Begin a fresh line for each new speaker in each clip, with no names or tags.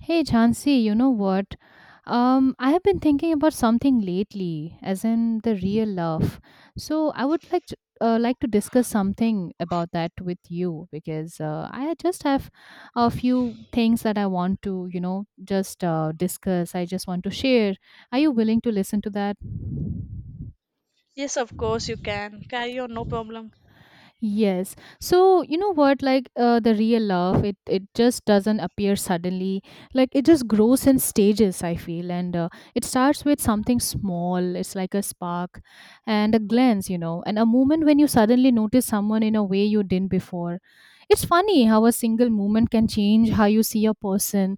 Hey Jhansi, you know what? I have been thinking about something lately, as in the real love. So I would like to discuss something about that with you because I just have a few things that I want to, you know, just discuss. I just want to share. Are you willing to listen to that?
Yes, of course you can. Carry on, no problem.
Yes. So, you know what, like the real love it just doesn't appear suddenly. Like it just grows in stages, I feel. And it starts with something small. It's like a spark and a glance, you know, and a moment when you suddenly notice someone in a way you didn't before. It's funny how a single moment can change how you see a person.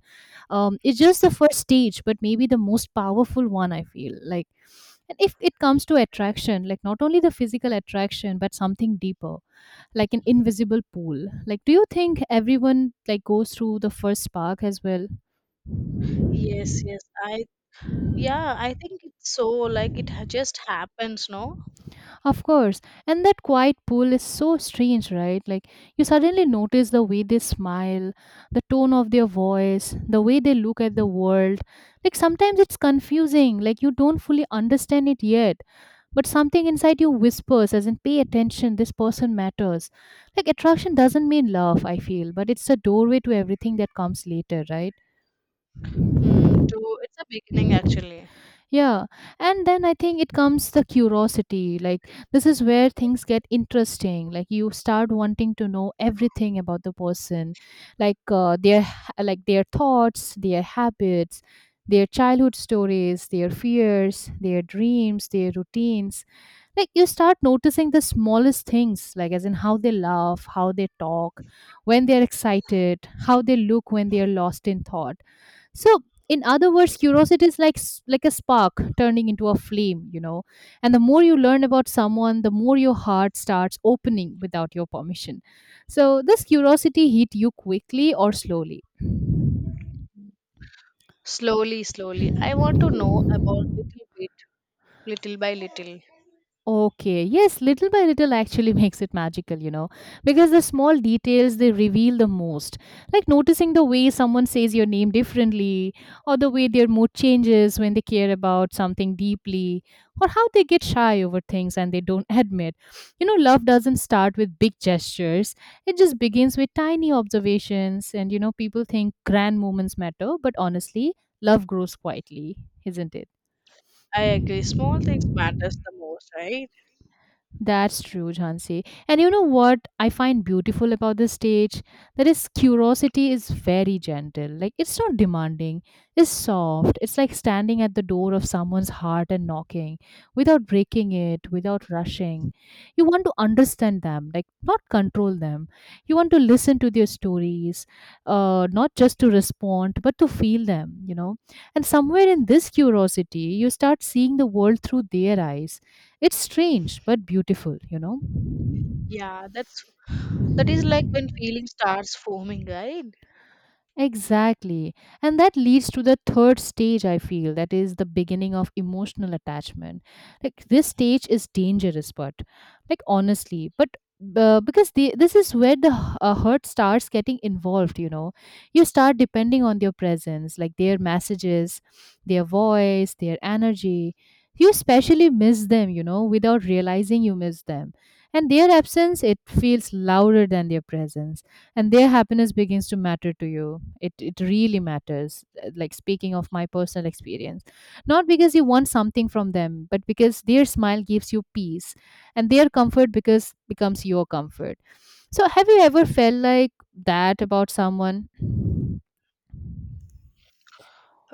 It's just the first stage, but maybe the most powerful one, I feel. Like, and if it comes to attraction, like not only the physical attraction, but something deeper, like an invisible pool. Like, do you think everyone like goes through the first spark as well?
Yes, yes. I yeah, I think it's so like it just happens, no?
Of course. And that quiet pool is so strange, right? Like, you suddenly notice the way they smile, the tone of their voice, the way they look at the world. Like sometimes it's confusing, like you don't fully understand it yet. But something inside you whispers, as in, pay attention, this person matters. Like, attraction doesn't mean love, I feel, but it's a doorway to everything that comes later, right?
Hmm, to it's a beginning actually.
Yeah, and then I think it comes the curiosity. Like, this is where things get interesting. Like, you start wanting to know everything about the person, like like their thoughts, their habits, their childhood stories, their fears, their dreams, their routines. Like, you start noticing the smallest things, like as in how they laugh, how they talk, when they're excited, how they look when they are lost in thought. So, in other words, curiosity is like like a spark turning into a flame, you know. And the more you learn about someone, the more your heart starts opening without your permission. So, this curiosity hit you quickly or slowly?
Slowly, slowly. I want to know about little bit, little by little.
Okay, yes, little by little actually makes it magical, you know, because the small details, they reveal the most. Like noticing the way someone says your name differently, or the way their mood changes when they care about something deeply, or how they get shy over things and they don't admit. You know, love doesn't start with big gestures, it just begins with tiny observations. And, you know, people think grand moments matter, but honestly, love grows quietly, isn't it?
I agree. Small things matters the most, right?
That's true, Jhansi. And you know what I find beautiful about the stage? That is, curiosity is very gentle. Like, it's not demanding, it's soft. It's like standing at the door of someone's heart and knocking without breaking it, without rushing. You want to understand them, like, not control them. You want to listen to their stories, not just to respond, but to feel them, you know. And somewhere in this curiosity, you start seeing the world through their eyes. It's strange but beautiful, you know?
Yeah, that is like when feeling starts forming, right?
Exactly. And that leads to the third stage, I feel, that is the beginning of emotional attachment. Like, this stage is dangerous, but, like, honestly, but. Because this is where the hurt starts getting involved, you know. You start depending on their presence, like their messages, their voice, their energy. You especially miss them, you know, without realizing you miss them, and their absence, it feels louder than their presence. And their happiness begins to matter to you. It really matters. Like speaking of my personal experience, not because you want something from them, but because their smile gives you peace, and their comfort because becomes your comfort. So have you ever felt like that about someone?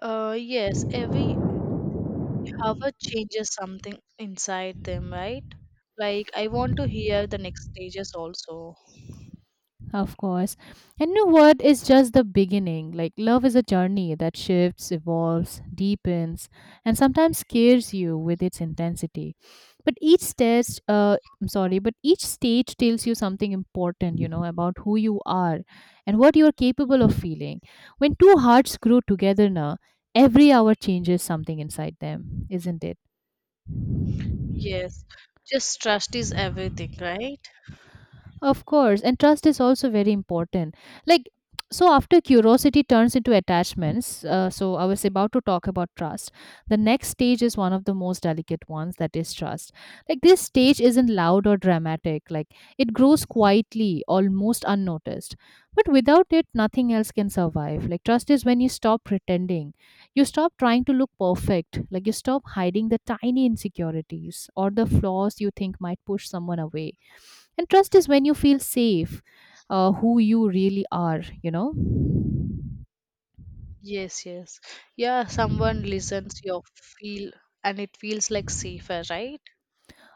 Yes, every hour changes something inside them, right? Like I want to hear the next stages also.
Of course. And you know what? Is just the beginning. Like, love is a journey that shifts, evolves, deepens, and sometimes scares you with its intensity. But each stage, but each stage tells you something important, you know, about who you are and what you're capable of feeling. When two hearts grow together now, every hour changes something inside them, isn't it?
Yes, just trust is everything, right?
Of course, and trust is also very important. Like, so after curiosity turns into attachments, so I was about to talk about trust. The next stage is one of the most delicate ones, that is trust. Like, this stage isn't loud or dramatic, like, it grows quietly, almost unnoticed. But without it, nothing else can survive. Like, trust is when you stop pretending, you stop trying to look perfect, like, you stop hiding the tiny insecurities or the flaws you think might push someone away. And trust is when you feel safe, who you really are, you know?
Yes, yes. Yeah, someone listens your feel and it feels like safer, right?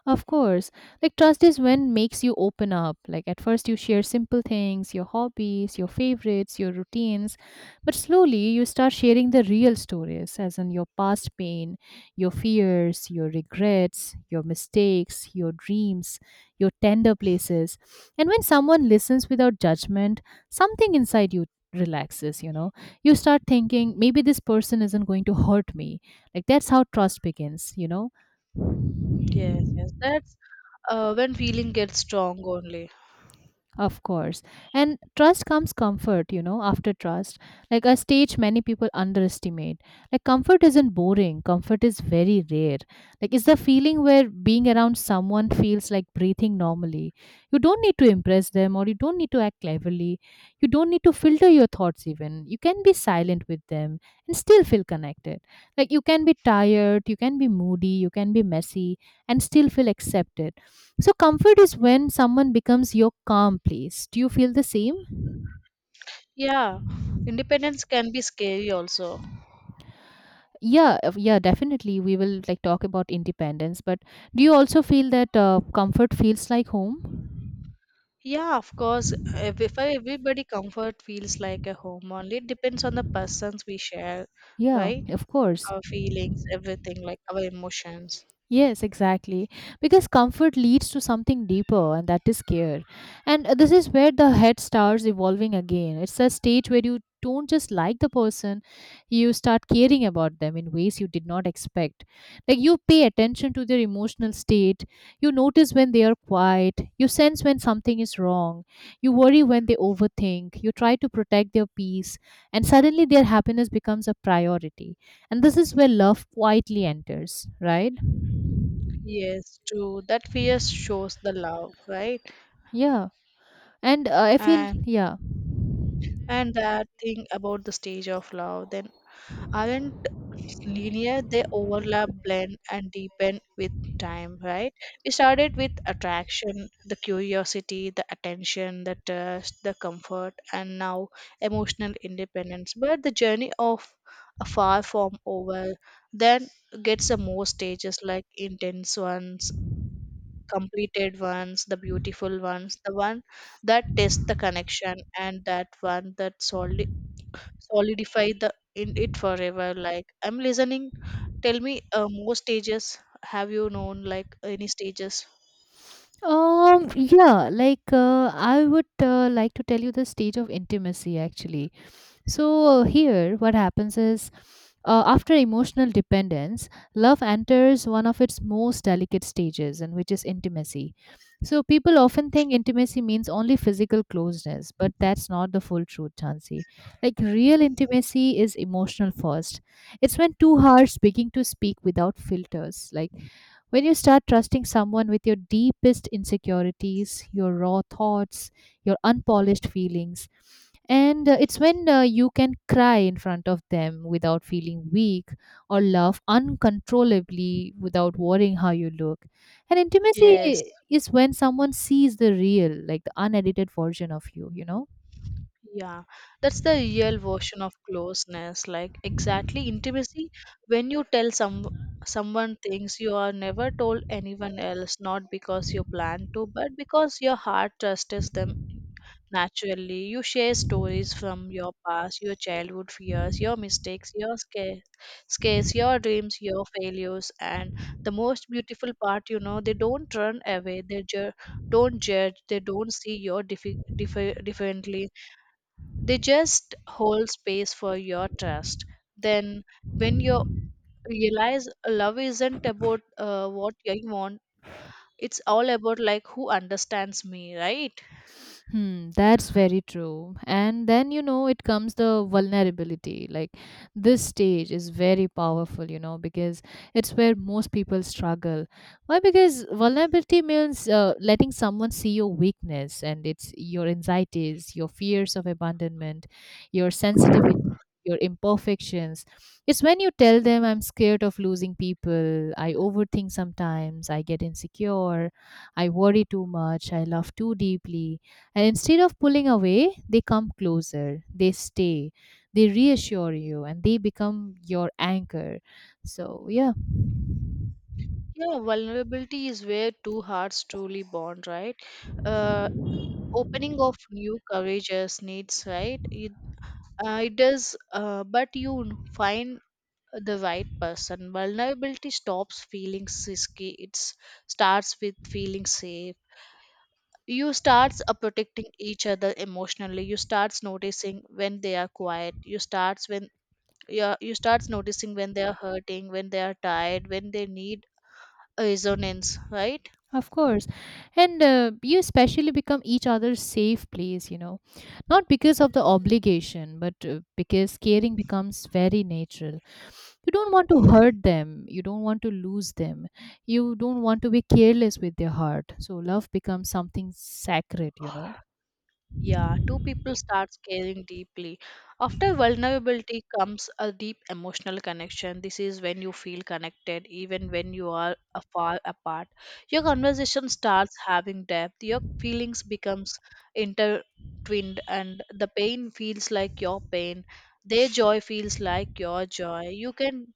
Of course. Like trust is when makes you open up. Like at first you share simple things, your hobbies, your favorites, your routines, but slowly you start sharing the real stories, as in your past pain, your fears, your regrets, your mistakes, your dreams, your tender places. And when someone listens without judgment, something inside you relaxes, you know. You start thinking maybe this person isn't going to hurt me. Like that's how trust begins, you know.
Yes, yes. That's When feeling gets strong only.
Of course. And trust comes comfort, you know, after trust. Like a stage many people underestimate. Like comfort isn't boring, comfort is very rare. Like it's the feeling where being around someone feels like breathing normally. You don't need to impress them or you don't need to act cleverly. You don't need to filter your thoughts even. You can be silent with them and still feel connected. Like you can be tired, you can be moody, you can be messy and still feel accepted. So, comfort is when someone becomes your calm place. Do you feel the same?
Yeah, independence can be scary also.
Yeah, definitely. We will like talk about independence, but do you also feel that comfort feels like home?
Yeah, of course. If everybody comfort feels like a home only, it depends on the persons we share,
Yeah,
right?
of course.
Our feelings, everything, like our emotions.
Yes, exactly. Because comfort leads to something deeper, and that is care. And this is where the head starts evolving again. It's a stage where you don't just like the person, you start caring about them in ways you did not expect. Like you pay attention to their emotional state, you notice when they are quiet, you sense when something is wrong, you worry when they overthink, you try to protect their peace, and suddenly their happiness becomes a priority. And this is where love quietly enters, right?
Yes, true. That fear shows the love, right?
Yeah, and uh, I feel
And
yeah.
and that thing about the stage of love, then, aren't linear. They overlap, blend, and deepen with time, right? We started with attraction, the curiosity, the attention, the trust, the comfort, and now emotional independence, but the journey of a far from over. Then gets the more stages, like intense ones, completed ones, the beautiful ones, the one that tests the connection and that one that solely solidify the in it forever. Like, I'm listening. Tell me more stages. Have you known like any stages?
Yeah, I would like to tell you the stage of intimacy actually. So, here, what happens is after emotional dependence, love enters one of its most delicate stages, and which is intimacy. So, people often think intimacy means only physical closeness, but that's not the full truth, Chansi. Like, real intimacy is emotional first. It's when two hearts begin to speak without filters. Like, when you start trusting someone with your deepest insecurities, your raw thoughts, your unpolished feelings, and it's when you can cry in front of them without feeling weak or laugh uncontrollably without worrying how you look. And intimacy
Yes,
is when someone sees the real, like the unedited version of you, you know?
yeah, that's the real version of closeness, like exactly intimacy, when you tell someone things you are never told anyone else, not because you plan to, but because your heart trusts them. Naturally, you share stories from your past, your childhood fears, your mistakes, your scares, your dreams, your failures, and the most beautiful part, you know, they don't run away, they don't judge, they don't see your differently, they just hold space for your trust. Then, when you realize love isn't about what I want, it's all about like who understands me, right?
Hmm, that's very true. And then, you know, it comes the vulnerability. Like, this stage is very powerful, you know, because it's where most people struggle. Why? Because vulnerability means letting someone see your weakness, and it's your anxieties, your fears of abandonment, your sensitivity, your imperfections. It's when you tell them, I'm scared of losing people, I overthink sometimes, I get insecure, I worry too much, I love too deeply. And instead of pulling away, they come closer, they stay, they reassure you, and they become your anchor. So, yeah,
Yeah, vulnerability is where two hearts truly bond, right? Uh, Opening of new courageous needs, right? It does, but you find the right person. Vulnerability stops feeling risky. It starts with feeling safe. You starts protecting each other emotionally. You starts noticing when they are quiet. You starts when yeah. You starts noticing when they are hurting, when they are tired, when they need resonance, right?
of course. And you especially become each other's safe place, you know, not because of the obligation, but because caring becomes very natural. You don't want to hurt them, you don't want to lose them, you don't want to be careless with their heart. So, love becomes something sacred, you know.
Yeah, two people start caring deeply. After vulnerability comes a deep emotional connection. This is when you feel connected, even when you are far apart. Your conversation starts having depth. Your feelings becomes intertwined, and the pain feels like your pain. Their joy feels like your joy. You can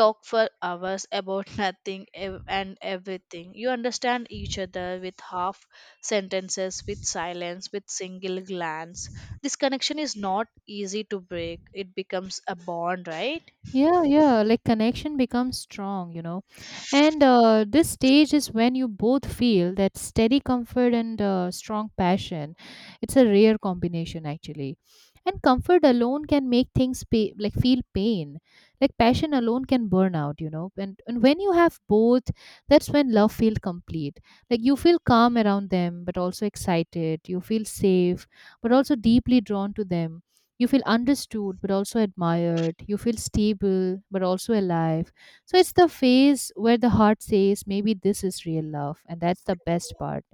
talk for hours about nothing and everything. You understand each other with half sentences, with silence, with single glance. This connection is not easy to break. It becomes a bond, right?
Yeah, yeah, like connection becomes strong, you know. And this stage is when you both feel that steady comfort and strong passion. It's a rare combination, actually. And comfort alone can make things pay, like feel pain. Like passion alone can burn out, you know. And when you have both, that's when love feels complete. Like you feel calm around them, but also excited. You feel safe, but also deeply drawn to them. You feel understood but also admired, you feel stable but also alive. So it's the phase where the heart says maybe this is real love, and that's the best part.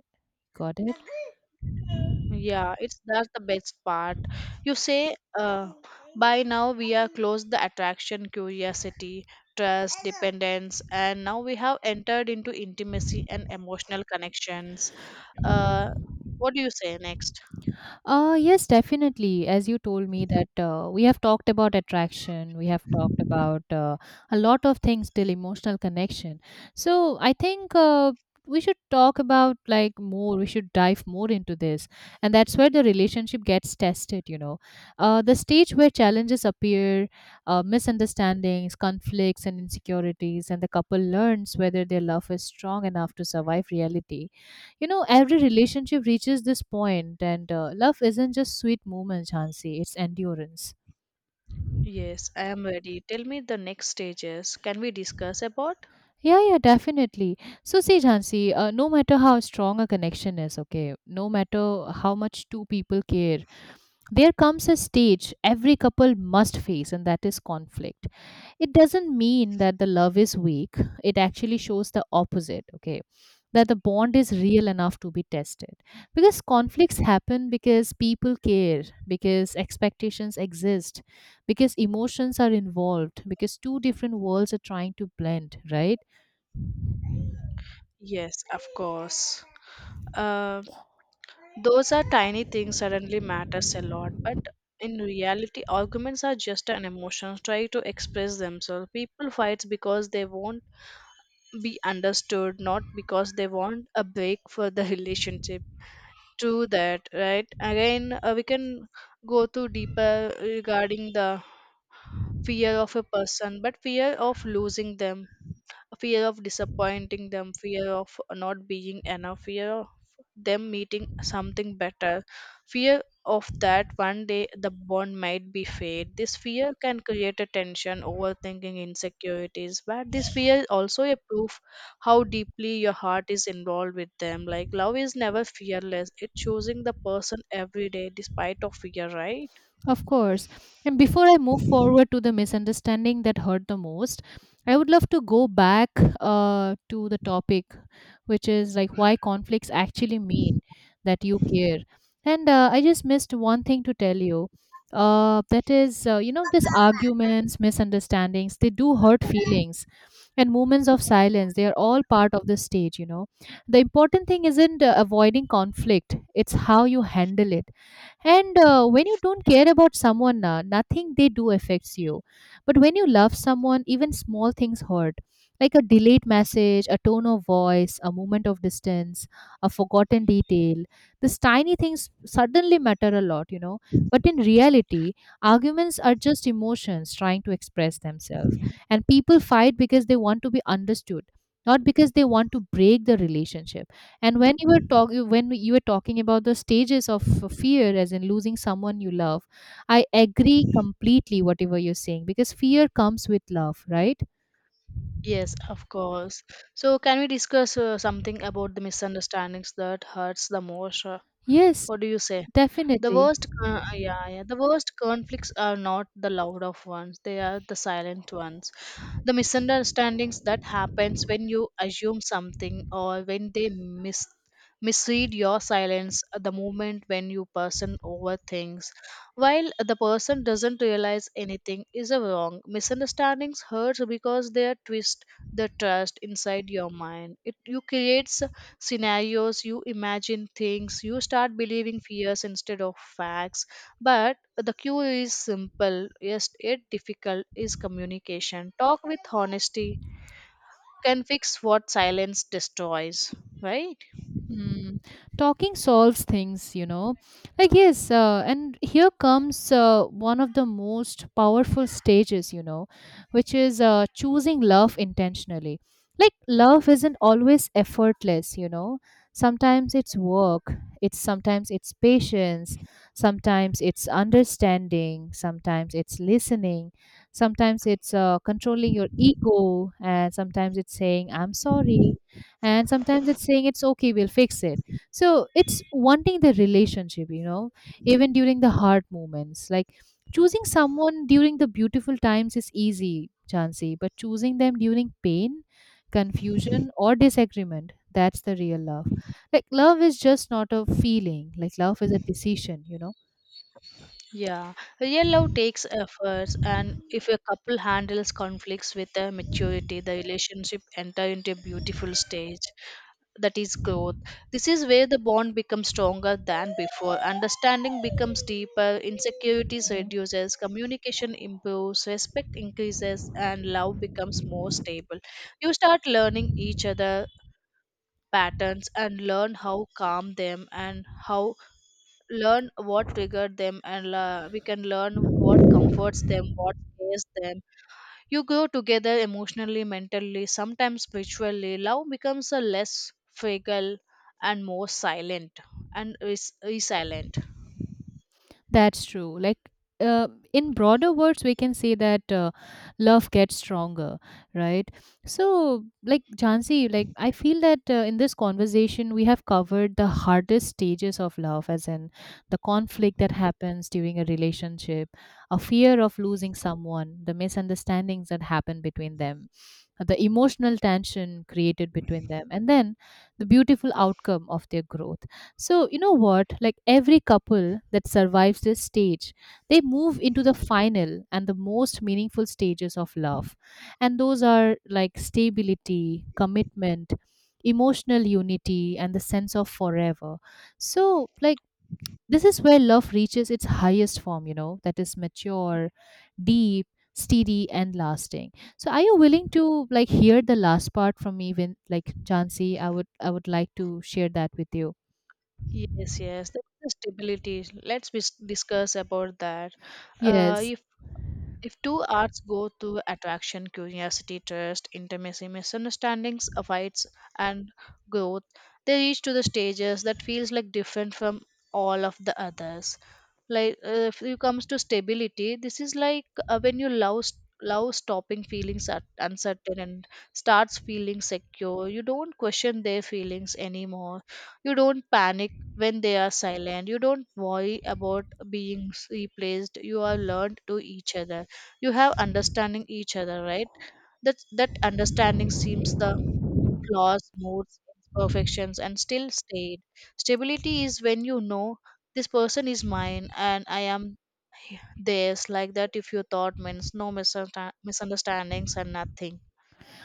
Got it.
Yeah, it's that's the best part. You say, by now we are close: the attraction, curiosity, trust, dependence, and now we have entered into intimacy and emotional connections. Uh, what do you say next?
Yes, definitely. As you told me that we have talked about attraction, we have talked about a lot of things till emotional connection. So I think we should talk about like more. We should dive more into this, and that's where the relationship gets tested. The stage where challenges appear, misunderstandings, conflicts, and insecurities, and the couple learns whether their love is strong enough to survive reality. Every relationship reaches this point, and love isn't just sweet moments, Jhansi, it's endurance.
Yes, I am ready. Tell me the next stages. Can we discuss about?
Yeah, yeah, definitely. So, see, Jhansi, no matter how strong a connection is, okay, no matter how much two people care, there comes a stage every couple must face, and that is conflict. It doesn't mean that the love is weak, it actually shows the opposite, okay? That the bond is real enough to be tested, because conflicts happen, because people care, because expectations exist, because emotions are involved, because two different worlds are trying to blend, right?
Yes, of course. Um, Those are tiny things suddenly matters a lot, but in reality, arguments are just an emotion trying to express themselves. People fight because they won't be understood, not because they want a break for the relationship. To that, right? Again, we can go to deeper regarding the fear of a person, but fear of losing them, fear of disappointing them, fear of not being enough, fear of them meeting something better, fear of that one day the bond might be fade. This fear can create a tension, overthinking, insecurities, but this fear is also a proof how deeply your heart is involved with them. Like, love is never fearless. It's choosing the person every day despite of fear, right?
Of course. And before I move forward to the misunderstanding that hurt the most, I would love to go back to the topic, which is like why conflicts actually mean that you care. And I just missed one thing to tell you. That is, these arguments, misunderstandings, they do hurt feelings and moments of silence. They are all part of the stage. The important thing isn't avoiding conflict, it's how you handle it. And when you don't care about someone, nothing they do affects you. But when you love someone, even small things hurt. Like a delayed message, a tone of voice, a moment of distance, a forgotten detail. These tiny things suddenly matter a lot. But in reality, arguments are just emotions trying to express themselves. And people fight because they want to be understood, not because they want to break the relationship. And when you were talking about the stages of fear, as in losing someone you love, I agree completely whatever you're saying, because fear comes with love, right?
Yes, of course. So, can we discuss something about the misunderstandings that hurts the most?
Yes,
What do you say? The
definitely.
worst, the worst conflicts are not the loud of ones; they are the silent ones. The misunderstandings that happens when you assume something or when they misread your silence. The moment when you person over things, while the person doesn't realize anything is a wrong. Misunderstandings hurts because they are twist the trust inside your mind. It you creates scenarios, you imagine things, you start believing fears instead of facts. But the cue is simple, yes, it difficult is communication. Talk with honesty can fix what silence destroys, right?
Mm, Talking solves things. Like, yes, and here comes one of the most powerful stages, which is choosing love intentionally. Like, love isn't always effortless. Sometimes it's work, it's sometimes it's patience, sometimes it's understanding, sometimes it's listening, sometimes it's controlling your ego, and sometimes it's saying, I'm sorry, and sometimes it's saying, it's okay, we'll fix it. So it's wanting the relationship, even during the hard moments. Like, choosing someone during the beautiful times is easy, Chansey, but choosing them during pain, confusion, or disagreement, that's the real love. Like, love is just not a feeling. Like, love is a decision.
Yeah, real love takes efforts, and if a couple handles conflicts with a maturity, the relationship enter into a beautiful stage, that is growth. This is where the bond becomes stronger than before. Understanding becomes deeper, insecurities reduces, communication improves, respect increases, and love becomes more stable. You start learning each other patterns and learn how calm them, and how learn what triggered them, and la we can learn what
Mhm.
comforts them, what scares them. You grow together emotionally, mentally, sometimes spiritually. Love becomes a less fragile and more silent and is resilient.
That's true. Like, uh, in broader words, we can say that love gets stronger, right? So, like, Jansi, like, I feel that in this conversation, we have covered the hardest stages of love, as in the conflict that happens during a relationship, a fear of losing someone, the misunderstandings that happen between them, the emotional tension created between them, and then the beautiful outcome of their growth. So, you know what? Like, every couple that survives this stage, they move into the final and the most meaningful stages of love. And those are like stability, commitment, emotional unity, and the sense of forever. So, like, this is where love reaches its highest form, that is mature, deep, steady, and lasting. So, are you willing to like hear the last part from me when, like, Jansi? I would like to share that with you.
Yes, yes, that's the stability. Let's discuss about that. uh,
Yes.
If two arts go to attraction, curiosity, trust, intimacy, misunderstandings, fights, and growth, they reach to the stages that feels like different from all of the others. Like, if you comes to stability, this is like when you love love stopping feelings at uncertain and starts feeling secure. You don't question their feelings anymore. You don't panic when they are silent. You don't worry about being replaced. You are learned to each other, you have understanding each other, right? That that understanding seems the flaws, moods, imperfections, and still stayed. Stability is when you know this person is mine and I am theirs. Like that, if your thought means no misunderstandings and nothing,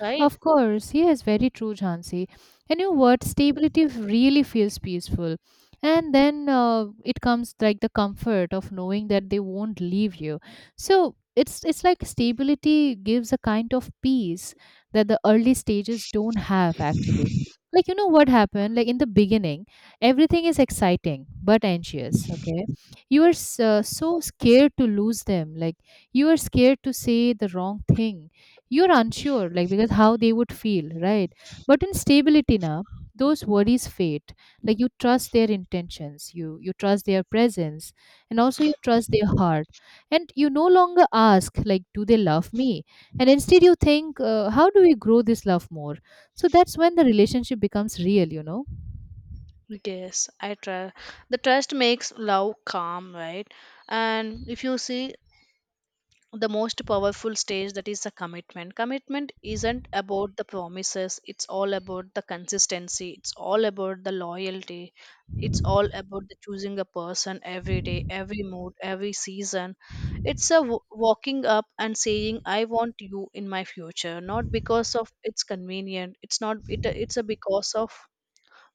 right?
Of course, yes, very true, Jhansi. And your word stability really feels peaceful. And then it comes like the comfort of knowing that they won't leave you. So it's like stability gives a kind of peace that the early stages don't have actually. Like, you know what happened? Like in the beginning, everything is exciting but anxious. Okay, you are so scared to lose them. Like, you are scared to say the wrong thing. You're unsure, like, because how they would feel, right? But in stability now those worries fade. Like, you trust their intentions, you trust their presence, and also you trust their heart. And you no longer ask, like, do they love me? And instead you think, how do we grow this love more? So that's when the relationship becomes real.
Yes, I try. The trust makes love calm, right? And if you see, the most powerful stage, that is the commitment. Commitment isn't about the promises, it's all about the consistency, it's all about the loyalty, it's all about the choosing a person every day, every mood, every season. It's a walking up and saying I want you in my future, not because of it's convenient. It's not it's a because of,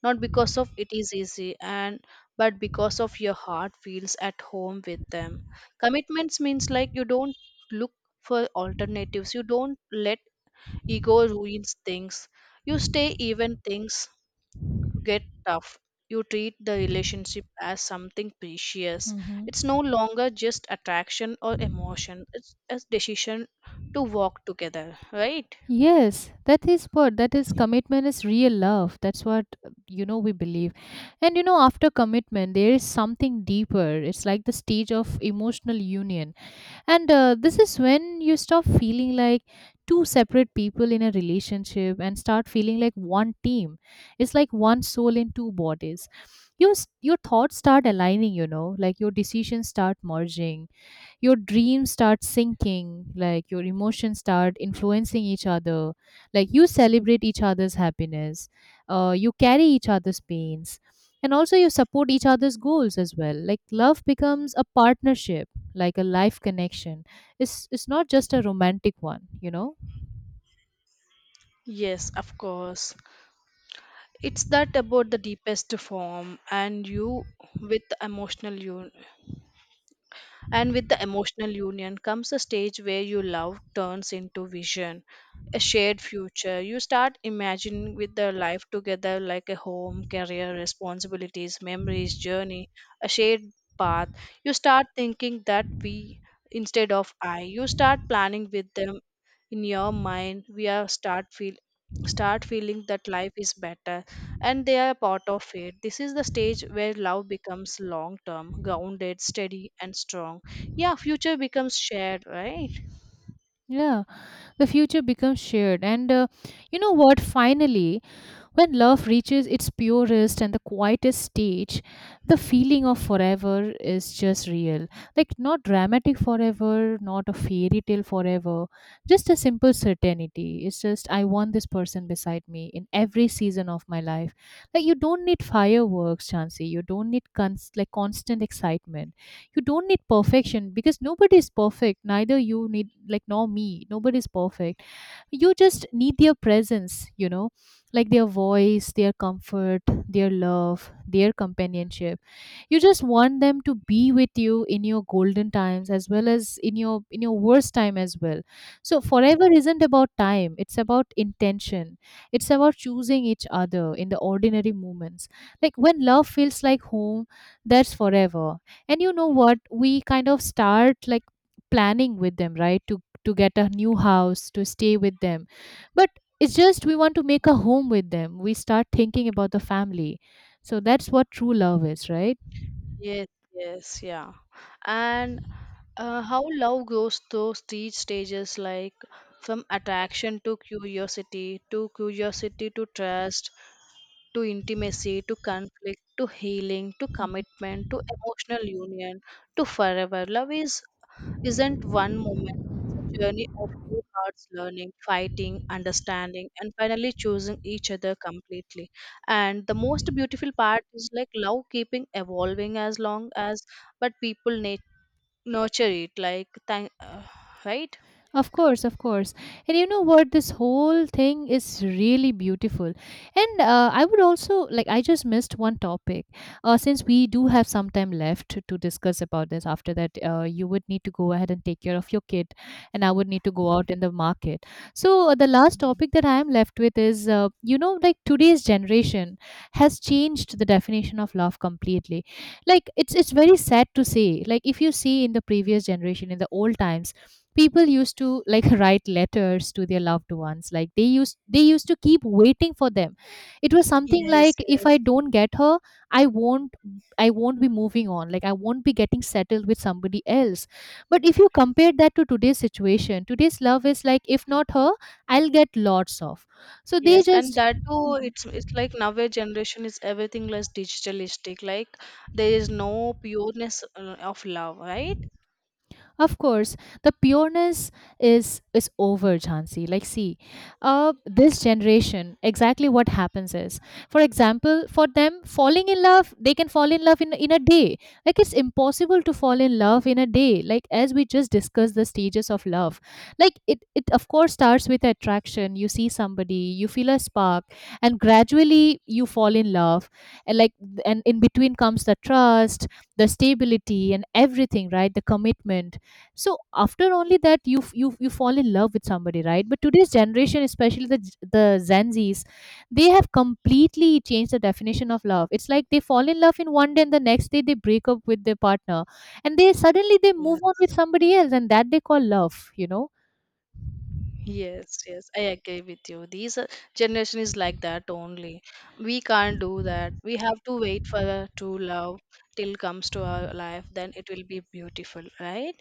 not because of it is easy, and but because of your heart feels at home with them. Commitments means like you don't look for alternatives, you don't let ego ruins things, you stay even things get tough, you treat the relationship as something precious. It's
Hmm.
no longer just attraction or emotion, it's a decision to walk together, right?
Yes, that is what that is, commitment is real love. That's what we believe. And you know, after commitment there is something deeper. It's like the stage of emotional union. And this is when you stop feeling like two separate people in a relationship and start feeling like one team. It's like one soul in two bodies. Your your thoughts start aligning, like your decisions start merging, your dreams start sinking, like your emotions start influencing each other. Like, you celebrate each other's happiness, you carry each other's pains, and also you support each other's goals as well. Like, love becomes a partnership, like a life connection. It's not just a romantic one.
Yes, of course. It's that about the deepest form and you with emotional you and with the emotional union comes a stage where your love turns into vision, a shared future. You start imagining with their life together, like a home, career, responsibilities, memories, journey, a shared path. You start thinking that we instead of I. You start planning with them in your mind. We are start feel start feeling that life is better and they are a part of it. This is the stage where love becomes long term, grounded, steady, and strong. Yeah, future becomes shared, right?
Yeah, the future becomes shared. And you know what? Finally, when love reaches its purest and the quietest stage, the feeling of forever is just real. Like, not dramatic forever, not a fairy tale forever, just a simple certainty. It's just, I want this person beside me in every season of my life. Like, you don't need fireworks, Chansey. You don't need like constant excitement. You don't need perfection because nobody is perfect. Neither you need, like, nor me. Nobody is perfect, you just need their presence. Like, their voice, their comfort, their love, their companionship. You just want them to be with you in your golden times as well as in your worst time as well. So forever isn't about time, it's about intention. It's about choosing each other in the ordinary moments. Like, when love feels like home, that's forever. And you know what? We kind of start like planning with them, right? To get a new house, to stay with them. But it's just we want to make a home with them. We start thinking about the family. So that's what true love is, right?
Yes, yes, yeah. And how love goes through stages, like from attraction to curiosity to trust to intimacy to conflict to healing to commitment to emotional union to forever. Love is isn't one moment. It's a journey of two hearts learning, fighting, understanding, and finally choosing each other completely. And the most beautiful part is, like, love keeping evolving as long as, but people nurture it. Like, thank, right?
Of course, of course. And you know what? This whole thing is really beautiful. And I would also like, I just missed one topic. Since we do have some time left to discuss about this, after that, you would need to go ahead and take care of your kid, and I would need to go out in the market. So, the last
Mm.
topic that I am left with is like, today's generation has changed the definition of love completely. Like, it's very sad to say, like, if you see in the previous generation, in the old times, people used to like write letters to their loved ones, like they used to keep waiting for them. It was something
Yes,
like, if I
yes,
don't get her, i won't I won't be moving on, like I won't be getting settled with somebody else. But if you compare that to today's situation, today's love is like, if not her, I'll get lots of. So they
yes, and
just...
that too.
Mm-hmm.
It's like nowadays generation is everything less digitalistic. Like, there is no pureness of love, right?
Of course, the pureness is over, Jhansi. Like, see, this generation, exactly what happens is, for example, for them, falling in love, they can fall in love in a day. Like, it's impossible to fall in love in a day. Like, as we just discussed the stages of love, like it of course starts with attraction. You see somebody, you feel a spark, and gradually you fall in love, and like, and in between comes the trust, the stability, and everything, right? The commitment. So after only that you fall in love with somebody, right? But today's generation, especially the the Gen Zs, they have completely changed the definition of love. It's like they fall in love in one day, and the next day they break up with their partner. And they suddenly, they move on with
Yes.
somebody else, and that they call love.
Yes, yes, I agree with you. These generation is like that only. We can't do that. We have to wait for a true love till comes to our life. Then it will be beautiful, right?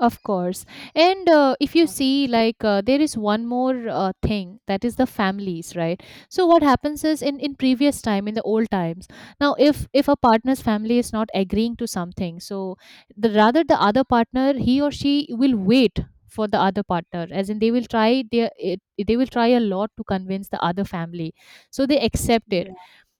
Of course. And if you
Uh,
see, like, there is one more thing, that is the families, right? So what happens is, in previous time, in the old times, now if a partner's family is not agreeing to something, so the other partner, he or she will wait for the other partner, as in they will try their it, they will try a lot to convince the other family, so they accept it.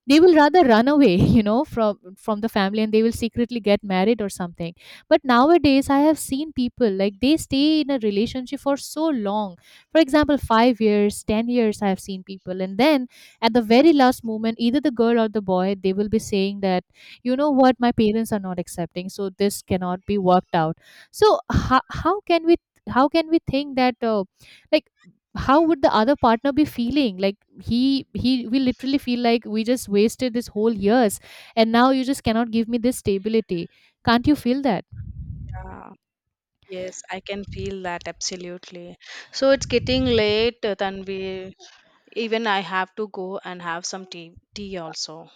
They will rather run away from the family, and they will secretly get married or something. But nowadays I have seen people, like they stay in a relationship for so long, for example 5 years, 10 years, I have seen people, and then, at the very last moment, either the girl or the boy, they will be saying that, you know what, my parents are not accepting, so this cannot be worked out. So how, how can we how can we think that like, how would the other partner be feeling? Like, he will literally feel like, we just wasted this whole years, and now you just cannot give me this stability. Can't you feel that?
Yeah. Yes, I can feel that absolutely. So it's getting late, Tanvi. Even I have to go and have some tea also.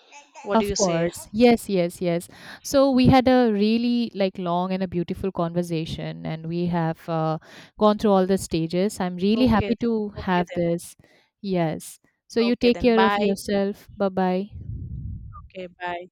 What do
Of
you say?
course. Yes, yes, yes. So we had a really, like, long and a beautiful conversation, and we have gone through all the stages. I'm really
Okay, then.
happy to
okay
have
then.
this. Yes. So you
Okay
take
then.
care of
Bye.
yourself. Bye-bye.
Okay, bye.